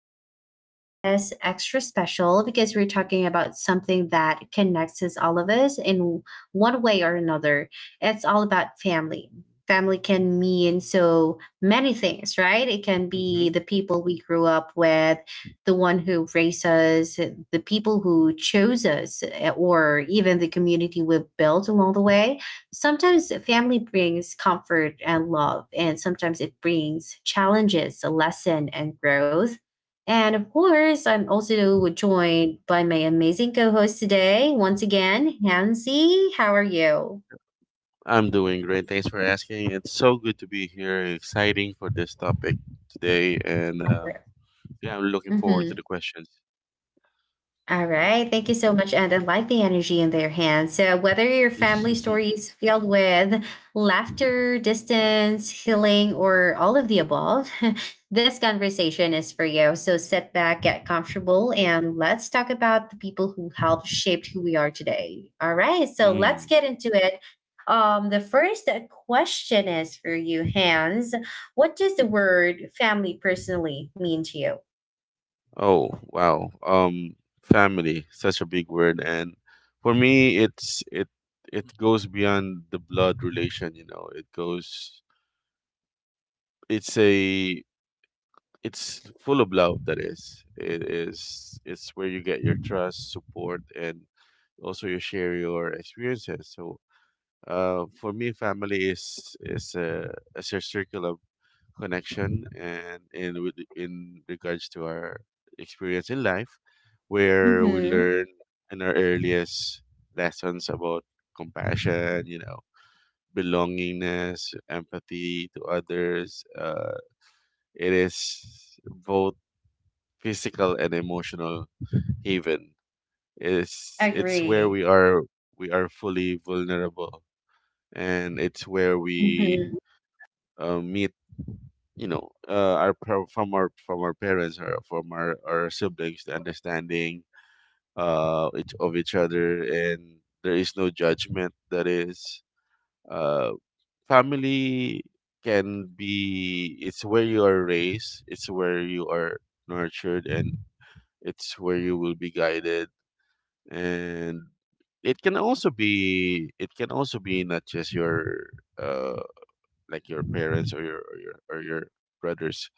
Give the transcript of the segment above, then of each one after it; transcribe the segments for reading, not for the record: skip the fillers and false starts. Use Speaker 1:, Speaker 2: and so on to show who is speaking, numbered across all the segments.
Speaker 1: episode is extra special because we're talking about something that connects us, all of us, in one way or another. It's all about family. Family can mean so many things, right? It can be
Speaker 2: Hmm.
Speaker 1: the people we grew up with, the one who raised us, the people who chose us, or even the community we've built along the way. Sometimes family brings comfort and love, and sometimes it brings challenges, a lesson, and growth. And of course, I'm also joined by my amazing co host today, once again, Hansi. How are you?
Speaker 2: I'm doing great. Thanks for asking. It's so good to be here. Exciting for this topic today, and yeah, I'm looking forward to
Speaker 1: Mm-hmm.
Speaker 2: the questions.
Speaker 1: All right. Thank you so much. And I like the energy in their hands. So, whether your family story is filled with laughter, distance, healing, or all of the above, this conversation is for you. So, sit back, get comfortable, and let's talk about the people who helped shape who we are today. All right. So, let's
Speaker 2: Mm.
Speaker 1: get into it. The first question is for you, Hans. What does the word family personally mean to you?
Speaker 2: Oh, wow. Family, such a big word, and for me, it goes beyond the blood relation. You know, it goes. It's a it's full of love. It is. It's where you get your trust, support, and also you share your experiences. So, for me, family is a circle of connection, and in regards to our experience in life, where we
Speaker 1: Mm-hmm.
Speaker 2: learn in our earliest lessons about compassion, belongingness, empathy to others. It is both physical and emotional haven. It's where
Speaker 1: Agree.
Speaker 2: we are fully vulnerable, and it's where we
Speaker 1: Mm-hmm.
Speaker 2: meet, our par- from our parents, or from our siblings, the understanding of each other, and there is no judgment, that is. uh Family can be, it's where you are raised, it's where you are nurtured, and it's where you will be guided. And it can also be not just your, uh like your parents, or your, or your brothers.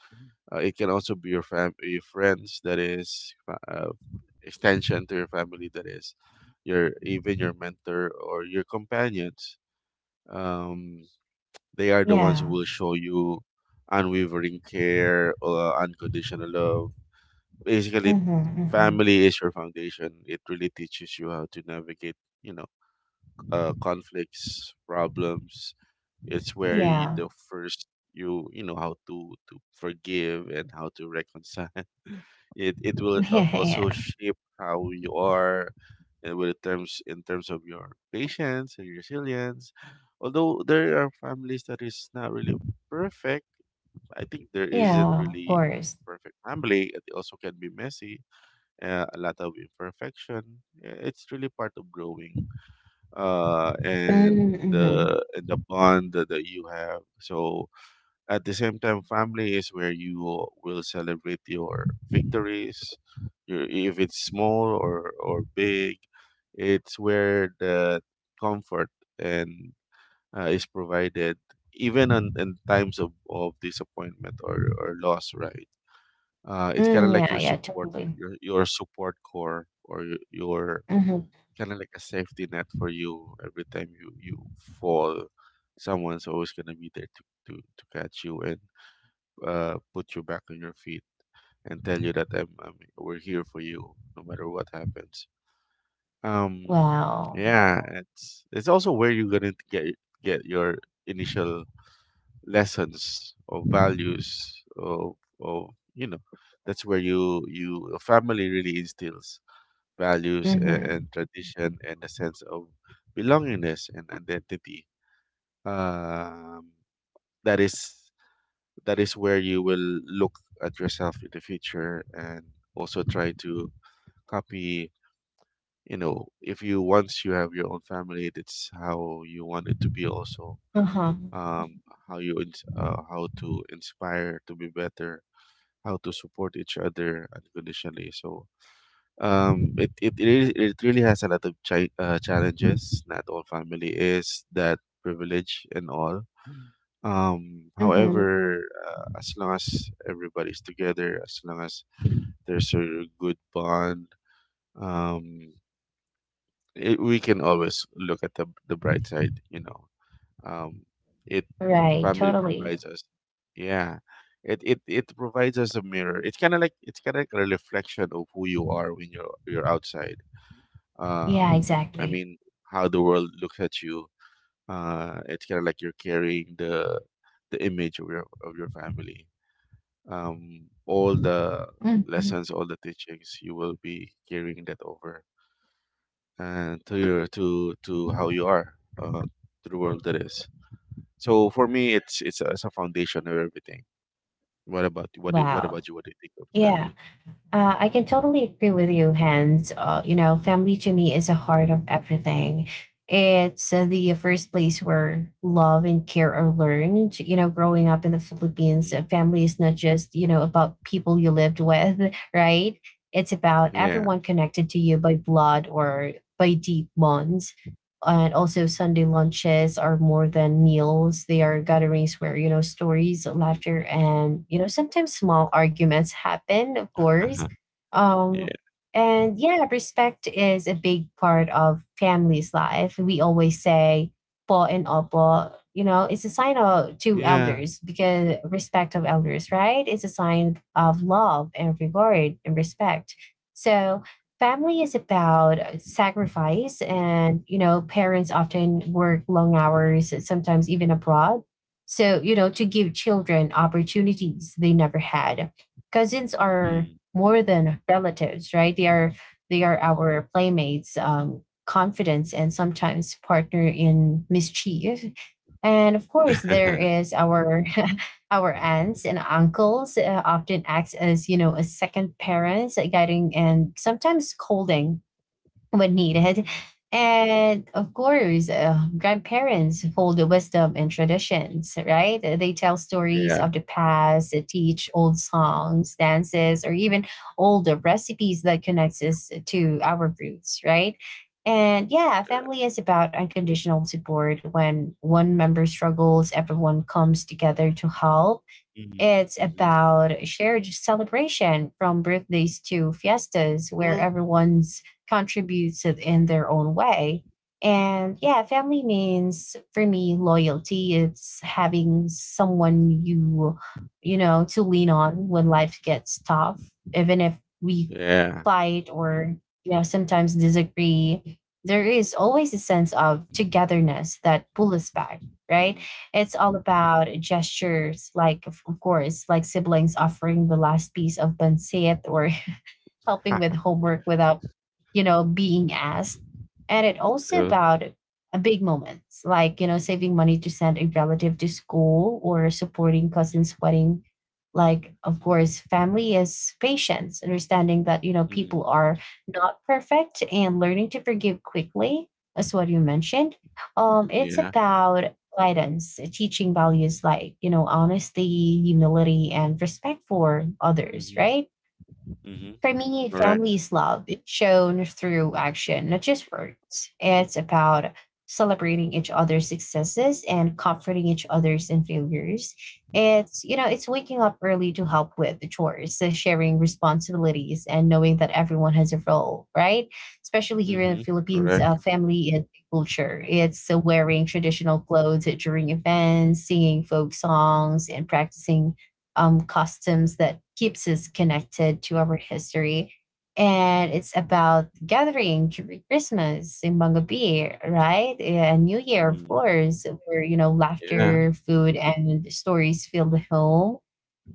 Speaker 2: It can also be your your friends. That is extension to your family. That is your, even your mentor, or your companions. Um, they are the ones who
Speaker 1: Yeah.
Speaker 2: will show you unwavering care, unconditional love. Basically,
Speaker 1: Mm-hmm, mm-hmm.
Speaker 2: family is your foundation. It really teaches you how to navigate, you know, conflicts, problems. It's where you,
Speaker 1: Yeah.
Speaker 2: the first you you know how to forgive and how to reconcile. It will,
Speaker 1: Yeah,
Speaker 2: also
Speaker 1: yeah.
Speaker 2: shape how you are and with terms in terms of your patience and resilience, although there are families that is not really perfect. I think there isn't
Speaker 1: Yeah, of
Speaker 2: really
Speaker 1: course.
Speaker 2: perfect family. It also can be messy, a lot of imperfection. It's really part of growing, and
Speaker 1: Mm, mm-hmm.
Speaker 2: the bond that you have. So at the same time, family is where you will celebrate your victories, your, if it's small, or big. It's where the comfort and, is provided, even in times of, disappointment, or loss. Right? It's kind of
Speaker 1: Mm,
Speaker 2: like
Speaker 1: yeah,
Speaker 2: your
Speaker 1: yeah,
Speaker 2: support,
Speaker 1: totally.
Speaker 2: your support core, or your,
Speaker 1: Mm-hmm.
Speaker 2: kind of like a safety net for you every time you fall. Someone's always going to be there to, to catch you, and put you back on your feet, and tell you that I'm we're here for you no matter what happens. Um,
Speaker 1: Wow.
Speaker 2: yeah, it's also where you're gonna get your initial lessons of values of, of you know that's where you a family really instills values, and,
Speaker 1: Mm-hmm.
Speaker 2: and tradition, and a sense of belongingness and identity. um that is that is where you will look at yourself in the future, and also try to copy, you know, if you, once you have your own family, that's how you want it to be also.
Speaker 1: Uh-huh.
Speaker 2: um how to inspire to be better, how to support each other unconditionally. So, it really has a lot of challenges. Not all family is that privilege and all.
Speaker 1: Mm-hmm.
Speaker 2: However, as long as everybody's together, as long as there's a good bond, um, we can always look at the bright side. You know, um, it
Speaker 1: Right,
Speaker 2: family
Speaker 1: totally.
Speaker 2: provides us, yeah. It provides us a mirror. It's kind of like a reflection of who you are when you're outside.
Speaker 1: Yeah,
Speaker 2: um, I
Speaker 1: exactly.
Speaker 2: mean, how the world looks at you. It's kind of like you're carrying the image of your family. All the
Speaker 1: Mm-hmm.
Speaker 2: lessons, all the teachings, you will be carrying that over, and to your to how you are, to the world that is. So for me, it's a foundation of everything. What about what do- what
Speaker 1: Wow.
Speaker 2: about you? What do you think of the
Speaker 1: Yeah.
Speaker 2: family?
Speaker 1: I can totally agree with you, Hans. You know, family to me is the heart of everything. It's the first place where love and care are learned. You know, growing up in the Philippines,
Speaker 2: Hmm.
Speaker 1: family is not just, you know, about people you lived with, right? It's about
Speaker 2: Yeah.
Speaker 1: everyone connected to you by blood or by deep bonds. And also, Sunday lunches are more than meals. They are gatherings where, you know, stories,
Speaker 2: Mm.
Speaker 1: laughter, and, you know, sometimes small arguments happen, of course. um,
Speaker 2: Yeah.
Speaker 1: and yeah, respect is a big part of family's life. We always say po and opo. You know, it's a sign of to
Speaker 2: Yeah.
Speaker 1: elders because respect of elders, right? It's a sign of love and regard and respect. So family is about sacrifice, and you know parents often work long hours, sometimes even abroad, so you know to give children opportunities they never had. Cousins are
Speaker 2: Mm.
Speaker 1: more than relatives, right? They are our playmates, confidence, and sometimes partner in mischief. And of course, there is our our aunts and uncles often acts as you know as second parents, guiding and sometimes scolding when needed. And of course, grandparents hold the wisdom and traditions, right? They tell stories
Speaker 2: Yeah.
Speaker 1: of the past, they teach old songs, dances, or even older recipes that connects us to our roots, right? And yeah, family is about unconditional support. When one member struggles, everyone comes together to help. It's
Speaker 2: Mm-hmm.
Speaker 1: about shared celebration from birthdays to fiestas where, yeah, everyone's contributes it in their own way. And yeah, family means for me loyalty. It's having someone you know to lean on when life gets tough, even if we
Speaker 2: Yeah.
Speaker 1: fight or you know sometimes disagree. There is always a sense of togetherness that pulls us back, right?
Speaker 2: Mm.
Speaker 1: It's all about gestures, like, of course, like siblings offering the last piece of pancit or helping with homework without, you know, being asked. And it also
Speaker 2: True.
Speaker 1: about a big moments like, you know, saving money to send a relative to school or supporting cousin's wedding. Like, of course, family is patience, understanding that, you know, people
Speaker 2: Mhm.
Speaker 1: are not perfect and learning to forgive quickly. As what you mentioned. It's
Speaker 2: Yeah.
Speaker 1: about guidance, teaching values like, you know, honesty, humility, and respect for others,
Speaker 2: Mhm.
Speaker 1: right?
Speaker 2: Mhm.
Speaker 1: For me,
Speaker 2: Correct.
Speaker 1: family's love is shown through action, not just words. It's about celebrating each other's successes and comforting each other's in failures. It's, you know, it's waking up early to help with the chores, so sharing responsibilities and knowing that everyone has a role, right? Especially here in the
Speaker 2: Mhm.
Speaker 1: Philippines,
Speaker 2: Correct.
Speaker 1: family is culture. It's wearing traditional clothes during events, singing folk songs and practicing customs that keeps us connected to our history. And it's about gathering during Christmas in Mangabe, right? And New Year, of
Speaker 2: Mm.
Speaker 1: course, where, you know,
Speaker 2: Yeah.
Speaker 1: laughter, food, and stories fill the home.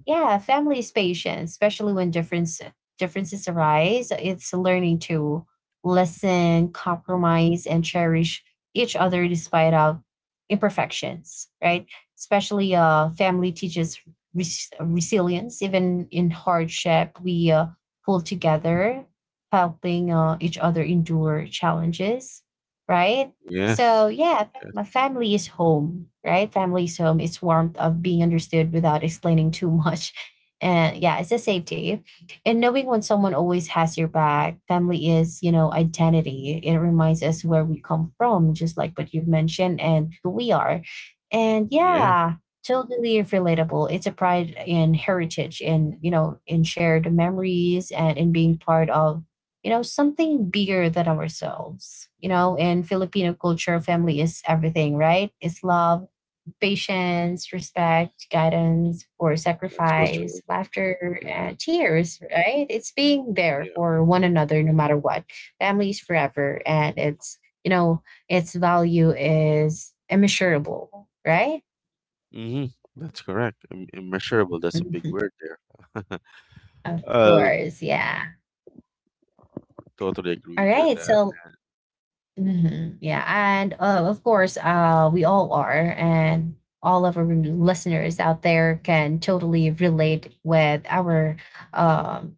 Speaker 1: Yeah, family's patience, especially when differences arise. It's learning to listen, compromise, and cherish each other despite our imperfections, right? Especially family teaches resilience. Even in hardship, we pull together, helping each other endure challenges, right? So
Speaker 2: Yes.
Speaker 1: yeah, my
Speaker 2: Yes.
Speaker 1: family is home, right? Family is home. It's warmth of being understood without explaining too much. And yeah, it's a safety. And knowing when someone always has your back, family is, you know, identity. It reminds us where we come from, just like what you've mentioned and who we are. And
Speaker 2: Yeah.
Speaker 1: yeah, totally relatable. It's a pride in heritage and, you know, in shared memories and in being part of you know, something bigger than ourselves. You know, in Filipino culture, family is everything, right? It's love, patience, respect, guidance, or
Speaker 2: That's so true.
Speaker 1: sacrifice, laughter,
Speaker 2: Yeah.
Speaker 1: and tears, right? It's being there
Speaker 2: Yeah.
Speaker 1: for one another no matter what. Family is forever, and it's, you know, its value is immeasurable, right?
Speaker 2: Mhm. That's correct. Immeasurable. That's a big word there.
Speaker 1: Of
Speaker 2: Uh,
Speaker 1: course, yeah.
Speaker 2: totally agree
Speaker 1: All
Speaker 2: with you on
Speaker 1: right,
Speaker 2: that.
Speaker 1: so hmm. Yeah, and of course, we all are, and all of our listeners out there can totally relate with our um,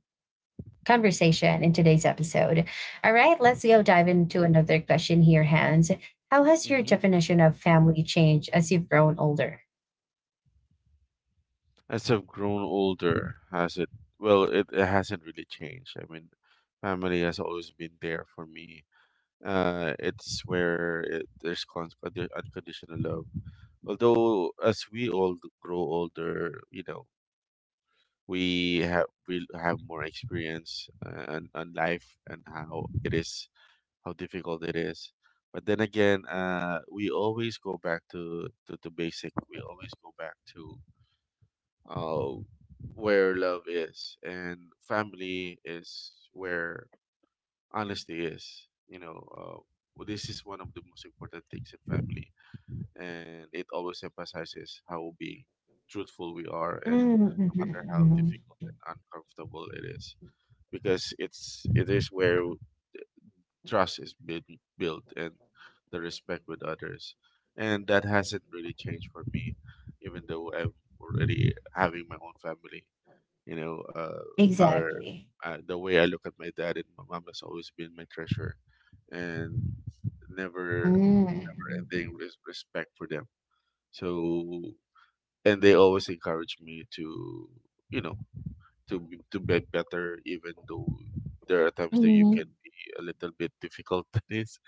Speaker 1: conversation in today's episode. All right, let's go dive into another question here, Hans. How has your
Speaker 2: Mhm.
Speaker 1: definition of family changed as you've grown older?
Speaker 2: As I've grown older, has it? Well, it hasn't really changed. I mean, family has always been there for me. It's where it, there's con- undi- unconditional love. Although, as we all grow older, we have more experience, on life and how it is, how difficult it is. But then again, we always go back to the basic. We always go back to, uh, where love is, and family is where honestly is, well, this is one of the most important things in family, and it always emphasizes how being truthful we are, and no matter how
Speaker 1: Mm-hmm.
Speaker 2: difficult and uncomfortable it is, because it is where trust is built, and the respect with others. And that hasn't really changed for me, even though I'm already having my own family. You know, our
Speaker 1: Exactly.
Speaker 2: The way I look at my dad and my mom has always been my treasure, and never
Speaker 1: Mm-hmm.
Speaker 2: ending respect for them. So, and they always encourage me to, you know, to be better, even though there are times that you can
Speaker 1: Mm-hmm.
Speaker 2: be a little bit difficult. is.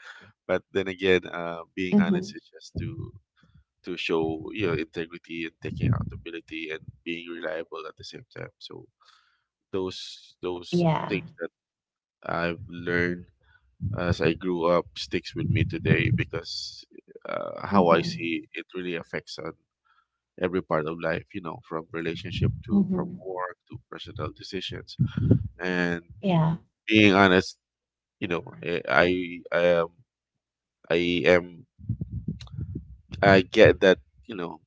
Speaker 2: But then again, being honest is just to show, integrity, and taking accountability, and being reliable at the same time. So those things
Speaker 1: Yeah.
Speaker 2: I've learned as I grew up sticks with me today, because, how I see
Speaker 1: Mm-hmm.
Speaker 2: it really affects on every part of life, from relationship, to from
Speaker 1: Mm-hmm.
Speaker 2: work, to personal decisions. And
Speaker 1: Yeah.
Speaker 2: being honest, you know, eh, I I am I am I get that, you know,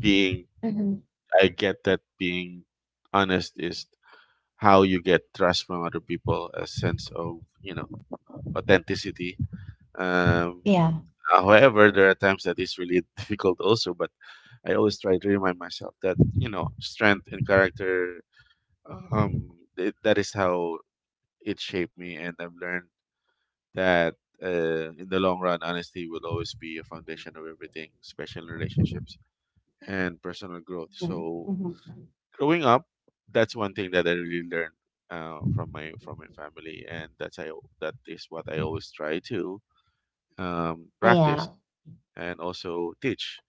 Speaker 2: being
Speaker 1: Mm-hmm.
Speaker 2: I get that being honest is how you get trust from other people, a sense of, you know, authenticity. Um,
Speaker 1: Yeah.
Speaker 2: However, there are times that it's really difficult also, but I always try to remind myself that, strength and character, um, that is how it shaped me. And I've learned that, in the long run, honesty will always be a foundation of everything, especially in relationships and personal growth.
Speaker 1: Mhm,
Speaker 2: So
Speaker 1: mhm.
Speaker 2: growing up, that's one thing that I really learned. From my family, and that is what I always try to, practice,
Speaker 1: Yeah.
Speaker 2: and also teach,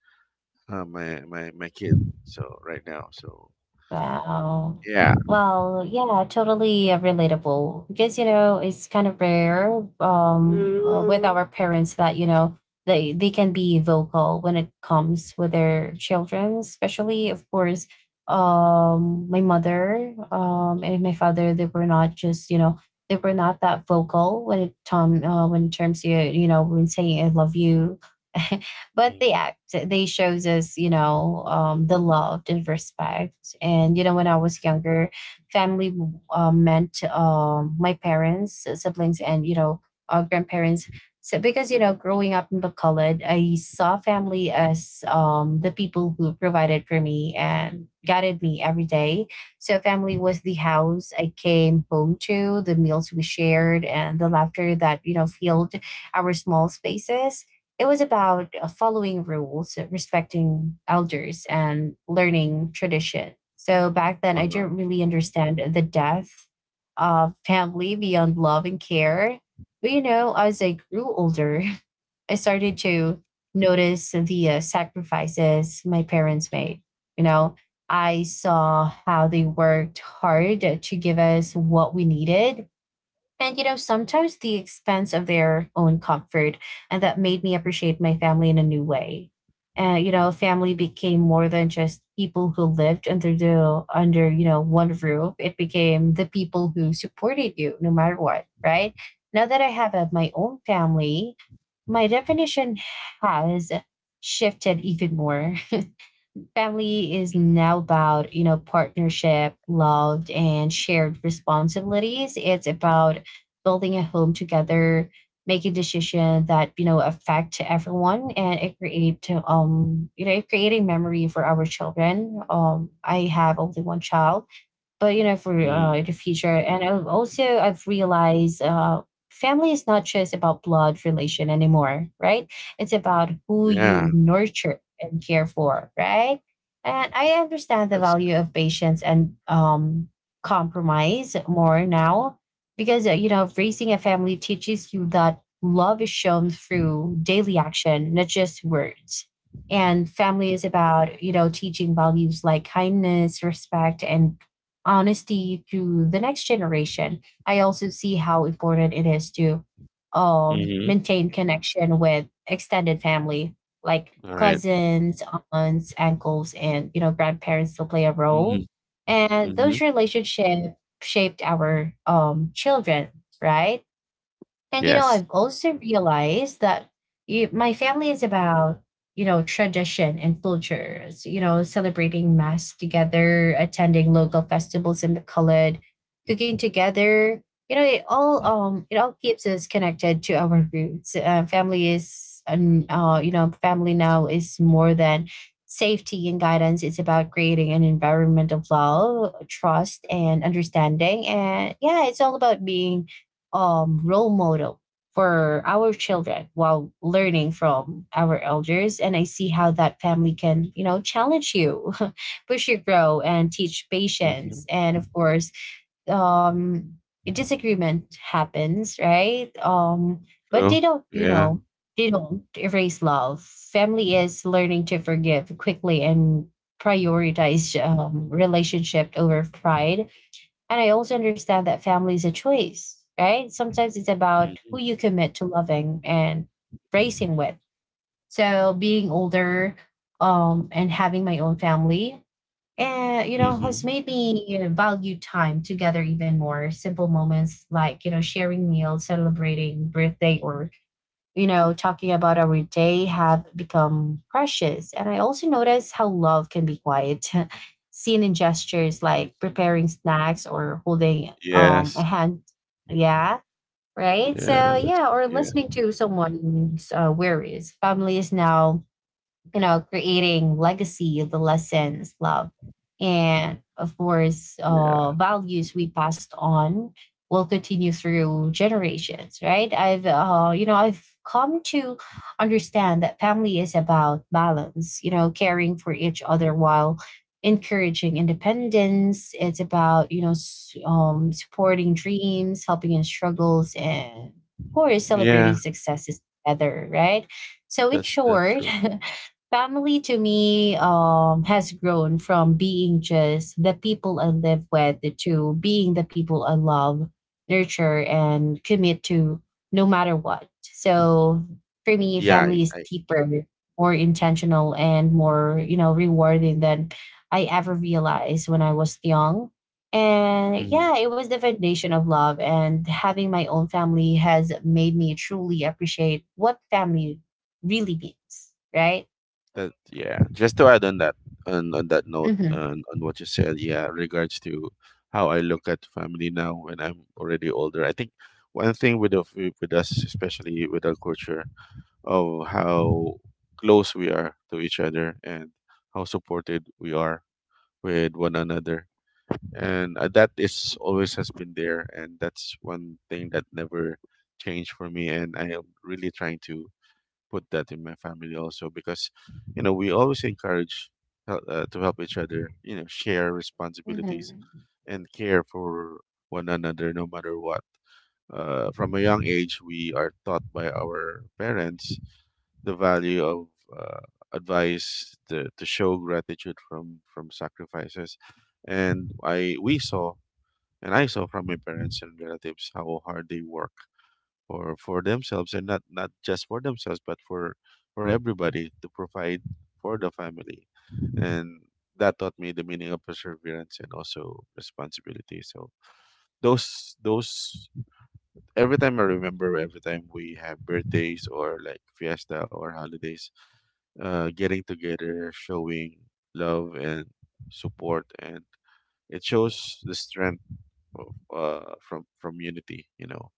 Speaker 2: my kid. So right now, so
Speaker 1: Wow.
Speaker 2: yeah,
Speaker 1: Well, yeah, totally relatable because you know it's kind of rare um with, mm, our parents that you know they can be vocal when it comes with their children, especially of course my mother and my father, they were not just you know they were not that vocal when it tom when it terms, you know, when saying I love you, but they act, they shows us you know the love and respect. And you know when I was younger, family meant my parents, siblings, and you know our grandparents. So because you know growing up in bacolod, I saw family as the people who provided for me and guided me every day. So family was the house I came home to, the meals we shared, and the laughter that you know filled our small spaces. It was about following rules, respecting elders, and learning tradition. So back then,
Speaker 2: uh,
Speaker 1: I didn't really understand the depth of family beyond love and care. But you know, as I grew older, I started to notice the sacrifices my parents made. You know, I saw how they worked hard to give us what we needed, and you know, sometimes the expense of their own comfort, and that made me appreciate my family in a new way. You know, family became more than just people who lived under you know one roof. It became the people who supported you no matter what, right? Now that I have my own family, my definition has shifted even more. Family is now about you know partnership, love, and shared responsibilities. It's about building a home together, making decisions that you know affect everyone, and it create you know creating memory for our children. I have only one child, but you know for
Speaker 2: mm,
Speaker 1: the future. And I've also I've realized family is not just about blood relation anymore, right? It's about who
Speaker 2: yeah,
Speaker 1: you nurture and care for, right? And I understand the
Speaker 2: that's true.
Speaker 1: value of patience and compromise more now, because you know raising a family teaches you that love is shown through daily action, not just words. And family is about you know teaching values like kindness, respect, and honesty to the next generation. I also see how important it is to
Speaker 2: Mm-hmm.
Speaker 1: maintain connection with extended family, like
Speaker 2: All right.
Speaker 1: cousins, aunts, uncles, and you know grandparents still play a
Speaker 2: Mm-hmm.
Speaker 1: role. And
Speaker 2: Mm-hmm.
Speaker 1: those relationships shaped our children, right? And you know,
Speaker 2: Yes.
Speaker 1: I've also realized that you, my family is about, you know, tradition and cultures. You know, celebrating mass together, attending local festivals in the colored, cooking together. You know, it all keeps us connected to our roots. Family is and you know, family now is more than safety and guidance. It's about creating an environment of love, trust, and understanding. And yeah, it's all about being role model for our children while learning from our elders. And I see how that family can, you know, challenge you, push you grow and teach
Speaker 2: Mm-hmm.
Speaker 1: patience. And of course um disagreement happens, right? But they
Speaker 2: True.
Speaker 1: don't,
Speaker 2: Yeah.
Speaker 1: they don't erase love. Family is learning to forgive quickly and prioritize relationship over pride. And I also understand that family is a choice, right? Sometimes it's about
Speaker 2: Mm-hmm.
Speaker 1: who you commit to loving and raising with. So being older, and having my own family, and has
Speaker 2: Mm-hmm.
Speaker 1: made me value time together even more. Simple moments like, you know, sharing meals, celebrating birthday, or, you know, talking about our day have become precious. And I also notice how love can be quiet, seen in gestures like preparing snacks or holding a
Speaker 2: Yes.
Speaker 1: hand. Yeah, right.
Speaker 2: Yeah.
Speaker 1: So
Speaker 2: That's
Speaker 1: yeah, or
Speaker 2: yeah.
Speaker 1: listening to someone's worries. Families now, you know, creating legacy of the lessons, love, and of course,
Speaker 2: Yeah.
Speaker 1: values we passed on will continue through generations, right? I've come to understand that family is about balance, you know, caring for each other while encouraging independence. It's about, you know, supporting dreams, helping in struggles, and of course,
Speaker 2: Yeah.
Speaker 1: celebrating successes together, right? So, in
Speaker 2: That's
Speaker 1: short,
Speaker 2: true.
Speaker 1: family to me has grown from being just the people I live with to being the people I love, nurture, and commit to no matter what. So for me,
Speaker 2: Yeah.
Speaker 1: family is
Speaker 2: I.
Speaker 1: deeper, more intentional, and more, you know, rewarding than I ever realized when I was young. And
Speaker 2: I
Speaker 1: yeah, it was the foundation of love. And having my own family has made me truly appreciate what family really means, right?
Speaker 2: That, yeah. Just to add on that note,
Speaker 1: Mhm.
Speaker 2: on what you said, yeah, regards to how I look at family now when I'm already older. I think one thing with us, especially with our culture, of how close we are to each other, and how supported we are with one another. And, that is always has been there, and that's one thing that never changed for me, and I am really trying to put that in my family also, because we always encourage, to help each other, share responsibilities,
Speaker 1: Mhm.
Speaker 2: and care for one another no matter what. From a young age we are taught by our parents the value of, uh, advice, to show gratitude from sacrifices, and I saw from my parents and relatives how hard they work for themselves, and not just for themselves, but for everybody, to provide for the family. And that taught me the meaning of perseverance, and also responsibility. So those every time I remember, every time we have birthdays, or like fiesta, or holidays, getting together, showing love and support. And it shows the strength of from unity.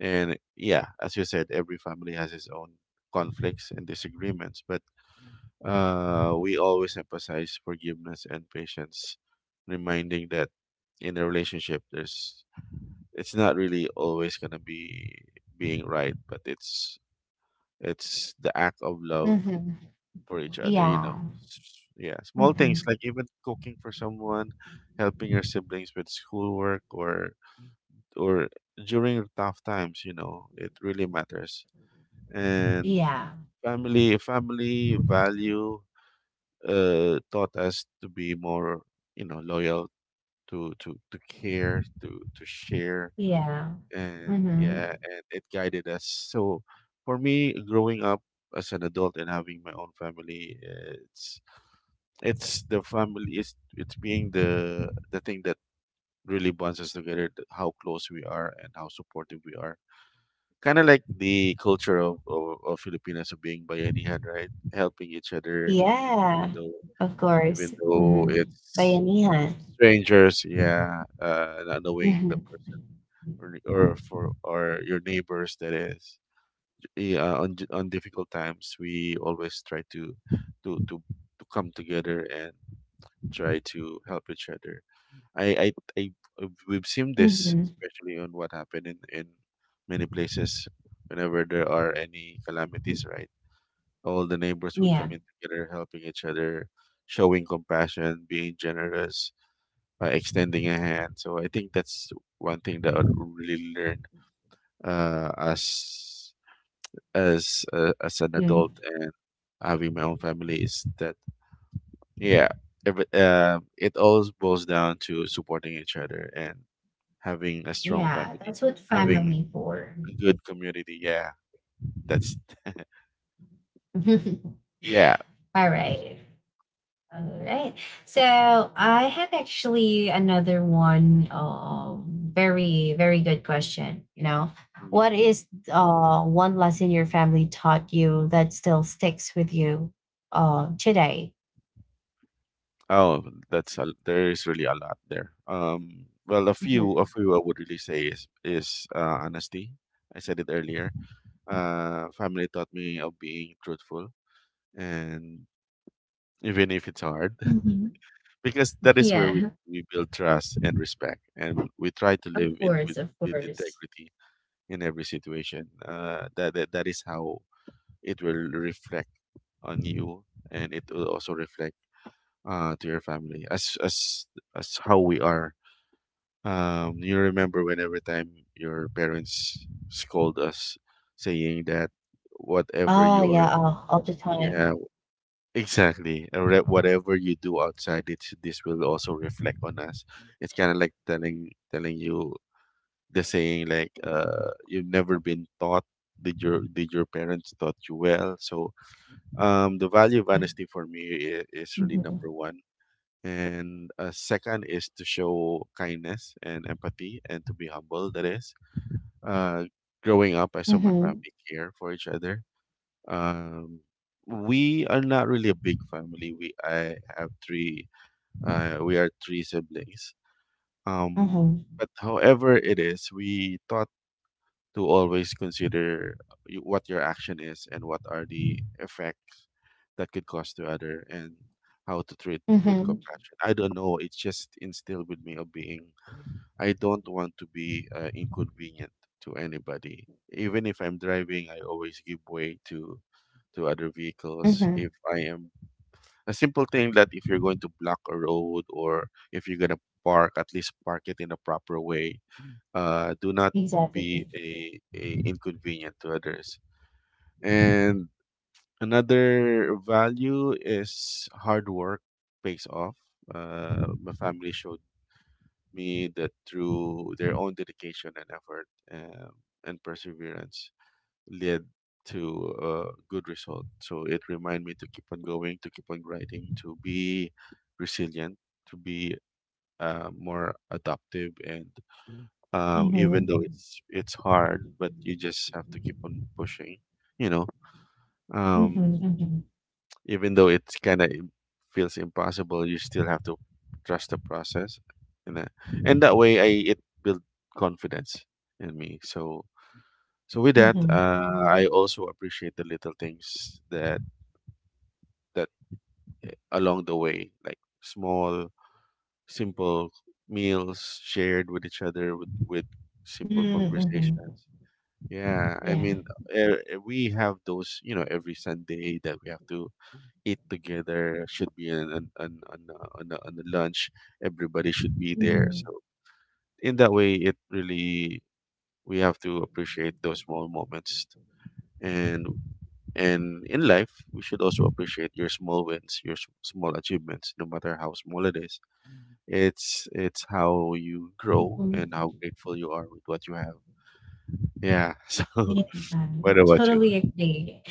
Speaker 2: And yeah, as you said, every family has its own conflicts and disagreements, but, we always emphasize forgiveness and patience, reminding that in a relationship, there's it's not really always gonna be being right, but it's the act of love
Speaker 1: Mhm.
Speaker 2: for each other, you
Speaker 1: Yeah.
Speaker 2: know. Yeah, small things,
Speaker 1: Mhm.
Speaker 2: like even cooking for someone, helping your siblings with schoolwork, or or during tough times, it really matters. and
Speaker 1: Yeah.
Speaker 2: family family value taught us to be more loyal to care to share
Speaker 1: Yeah.
Speaker 2: and yeah
Speaker 1: Mhm.
Speaker 2: and it guided us. So for me growing up as an adult and having my own family it's the family, it's being the thing that really bonds us together, how close we are and how supportive we are. Kind of like the culture of Filipinos of being bayanihan, right? Helping each other, even
Speaker 1: Yeah.
Speaker 2: though
Speaker 1: Of
Speaker 2: even
Speaker 1: course.
Speaker 2: though
Speaker 1: Mhm.
Speaker 2: it's
Speaker 1: Bayanihan.
Speaker 2: strangers, yeah, not knowing the
Speaker 1: Mhm.
Speaker 2: person or your neighbors. That is, yeah, on difficult times, we always try to to come together and try to help each other. I I I We've seen this
Speaker 1: Mhm.
Speaker 2: especially on what happened in many places whenever there are any calamities, right? All the neighbors would come
Speaker 1: Yeah.
Speaker 2: in together, helping each other, showing compassion, being generous, extending a hand. So I think that's one thing that I really learned, uh, as as an adult
Speaker 1: Mm.
Speaker 2: and having my own family, is that yeah, it all boils down to supporting each other and having a strong
Speaker 1: Yeah.
Speaker 2: family,
Speaker 1: That's what
Speaker 2: having
Speaker 1: family for.
Speaker 2: a good community. Yeah, that's yeah.
Speaker 1: All right. All right. So I have actually another one. Very, very good question. You know,
Speaker 2: Mm.
Speaker 1: what is one lesson your family taught you that still sticks with you today?
Speaker 2: Oh, there is really a lot there. Well, a
Speaker 1: Mhm.
Speaker 2: few I would really say is honesty. I said it earlier. Family taught me of being truthful, and even if it's hard,
Speaker 1: Mhm.
Speaker 2: because that is where we
Speaker 1: Yeah,
Speaker 2: we build trust and respect, and we try to live
Speaker 1: of
Speaker 2: in
Speaker 1: course, of
Speaker 2: with
Speaker 1: course.
Speaker 2: integrity in every situation. That is how it will reflect on you, and it will also reflect to your family as how we are. You remember when every time your parents scold us saying that whatever
Speaker 1: Oh,
Speaker 2: your,
Speaker 1: yeah, all the
Speaker 2: yeah
Speaker 1: time.
Speaker 2: exactly, whatever you do outside it, this will also reflect on us. It's kind of like telling you the saying like, you've never been taught, did your parents taught you well? So the value of
Speaker 1: Yeah.
Speaker 2: honesty for me is really
Speaker 1: Mhm.
Speaker 2: number one. And second is to show kindness and empathy and to be humble. That is, uh, growing up, I saw my
Speaker 1: Mm-hmm.
Speaker 2: family care for each other. Um, we are not really a big family. We I have three. We are three siblings. Um,
Speaker 1: Mm-hmm.
Speaker 2: but however it is, we thought to always consider what your action is and what are the effects that could cause to other, and how to treat with
Speaker 1: Mm-hmm.
Speaker 2: compassion. I don't know. It's just instilled with me of being. I don't want to be inconvenient to anybody. Even if I'm driving, I always give way to other vehicles. If
Speaker 1: Mm-hmm.
Speaker 2: I am a simple thing, that if you're going to block a road, or if you're gonna park, at least park it in a proper way. Do not be
Speaker 1: Exactly.
Speaker 2: a inconvenient to others. And another value is hard work pays off. My family showed me that through their own dedication and effort, um, and perseverance led to a good result. So it reminded me to keep on going, to keep on grinding, to be resilient, to be more adaptive, and even though
Speaker 1: Mm-hmm.
Speaker 2: it's hard, but you
Speaker 1: Mm-hmm.
Speaker 2: just have to keep on pushing. You know, um,
Speaker 1: Mm-hmm.
Speaker 2: even though it's kind of feels impossible, you still have to trust the process. And that, and that way, I it built confidence in me. So so with that,
Speaker 1: Mm-hmm.
Speaker 2: I also appreciate the little things that along the way, like small, simple meals shared with each other, with simple
Speaker 1: Mm,
Speaker 2: conversations.
Speaker 1: mhm.
Speaker 2: Yeah, I
Speaker 1: Yeah.
Speaker 2: mean, uh, we have those, you know, every Sunday that we have to eat together. Should be an lunch. Everybody should be there.
Speaker 1: Mhm.
Speaker 2: So in that way, it really, we have to appreciate those small moments. And and in life, we should also appreciate your small wins, your small achievements, no matter how small it is. It's how you grow
Speaker 1: Mhm.
Speaker 2: and how grateful you are with what you have. Yeah. So
Speaker 1: Yeah, I
Speaker 2: what about you?
Speaker 1: totally agree.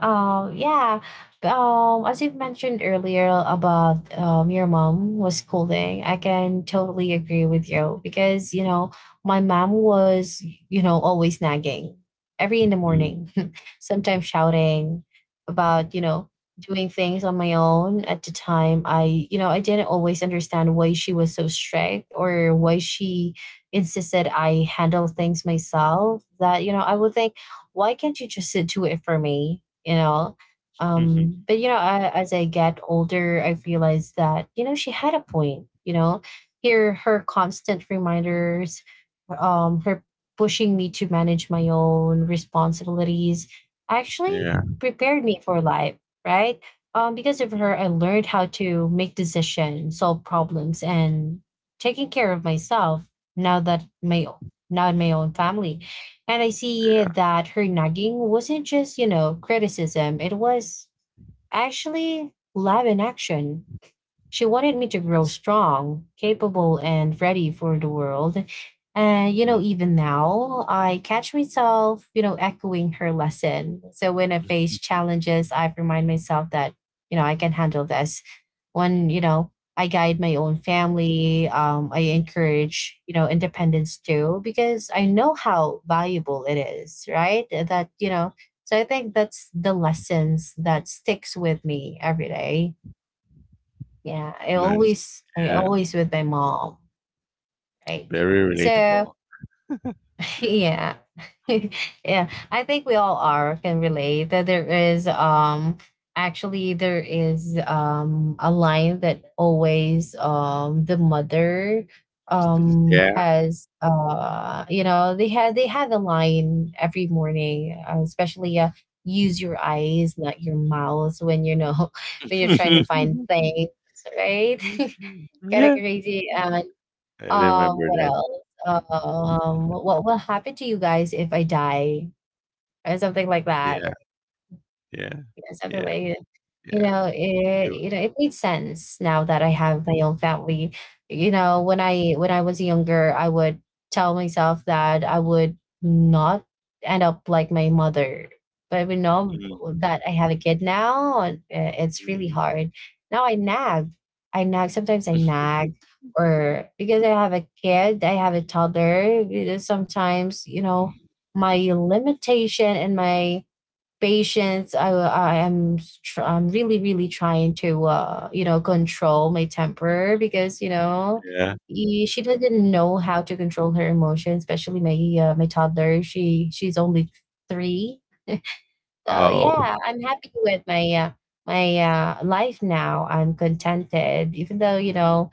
Speaker 1: Yeah. As you've mentioned earlier about your mom was schooling, I can totally agree with you because, you know, my mom was, you know, always nagging every in the morning, sometimes shouting about, you know, doing things on my own at the time. I didn't always understand why she was so strict or why she insisted I handle things myself, that, you know, I would think, why can't you just do it for me? You know.
Speaker 2: Mm.
Speaker 1: But you know, I, as I get older, I've realized that, you know, she had a point. You know, here her constant reminders, her pushing me to manage my own responsibilities, actually
Speaker 2: Yeah.
Speaker 1: prepared me for life, right? Because of
Speaker 2: Mm,
Speaker 1: her, I learned how to make decisions, solve problems, and taking care of myself now that my now in my own family. And I see
Speaker 2: yeah.
Speaker 1: that her nagging wasn't just, you know, criticism, it was actually love in action. She wanted me to grow
Speaker 2: That's
Speaker 1: strong, capable, and ready for the world. And, you
Speaker 2: mm,
Speaker 1: know, even now, I catch myself, you know, echoing her lesson. So when I face challenges, I remind myself that, you know, I can handle this. When, you know, I guide my own family, I
Speaker 2: mm,
Speaker 1: encourage, you know, independence too, because I know how valuable it is, right? That, you know, so I think that's the lessons that sticks with me every day. Yeah,
Speaker 2: nice.
Speaker 1: I
Speaker 2: Yeah.
Speaker 1: always with my mom, right?
Speaker 2: Very relatable.
Speaker 1: So yeah, yeah. I think we all are can relate that there is actually there is a line that always the mother
Speaker 2: Yeah.
Speaker 1: has you know they had a line every morning, especially use your eyes not your mouth when, you know, when you're trying to find things, right? Correct,
Speaker 2: Yeah.
Speaker 1: crazy. And
Speaker 2: I remember
Speaker 1: what
Speaker 2: that.
Speaker 1: else? What will happen to you guys if I die? Or something like that.
Speaker 2: Yeah. Yeah.
Speaker 1: Because other
Speaker 2: Yeah.
Speaker 1: way,
Speaker 2: Yeah. You.
Speaker 1: you know, it made sense now that I have my own family. You know, when I was younger, I would tell myself that I would not end up like my mother. But we know
Speaker 2: Mm,
Speaker 1: that I have a kid now, and it's really
Speaker 2: mhm.
Speaker 1: hard. Now I nag. I nag. Sometimes I nag, or because I have a kid, I have a toddler. You know, sometimes, you know, my limitation and my patience, I am I'm really, really trying to, you know, control my temper, because, you know,
Speaker 2: Yeah.
Speaker 1: she didn't know how to control her emotions, especially my my toddler. She she's only three. So
Speaker 2: Oh.
Speaker 1: yeah, I'm happy with my my life now. I'm contented even though, you
Speaker 2: Hmm.
Speaker 1: know,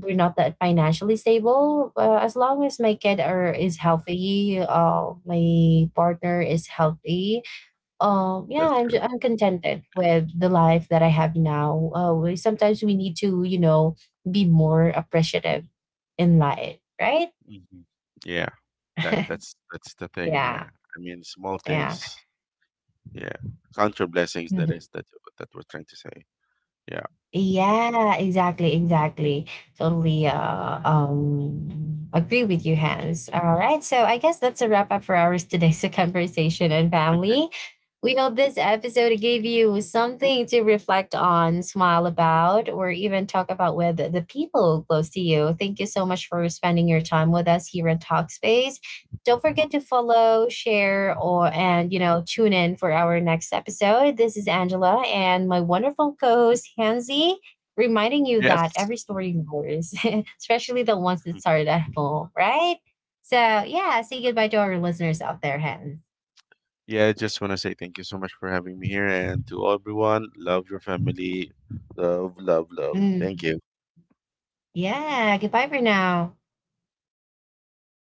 Speaker 1: we're not that financially stable. As long as my kid are is healthy, my partner is healthy, yeah,
Speaker 2: That's true.
Speaker 1: I'm contented with the life that I have now. We, sometimes we need to, you know, be more appreciative in life, right?
Speaker 2: Hmm. Yeah. That that's that's the thing. Yeah.
Speaker 1: Yeah,
Speaker 2: I mean, small
Speaker 1: yeah,
Speaker 2: things. Yeah. Counter blessings. That
Speaker 1: mhm.
Speaker 2: is that that we're trying to say. Yeah.
Speaker 1: Yeah. Exactly, exactly. Totally. Agree with you, Hans. All right. So I guess that's a wrap up for ours today's conversation and
Speaker 2: Okay.
Speaker 1: family. We hope this episode gave you something to reflect on, smile about, or even talk about with the people close to you. Thank you so much for spending your time with us here in Talkspace. Don't forget to follow, share, or and, you know, tune in for our next episode. This is Angela and my wonderful co-host Hansi, reminding you that
Speaker 2: Yes.
Speaker 1: every story matters, especially the ones that started at home, right? So yeah, say goodbye to our listeners out there, Hans.
Speaker 2: Yeah, I just want to say thank you so much for having me here, and to everyone, love your family. Love, love, love. Thank
Speaker 1: Mm.
Speaker 2: you.
Speaker 1: Yeah. Goodbye for now.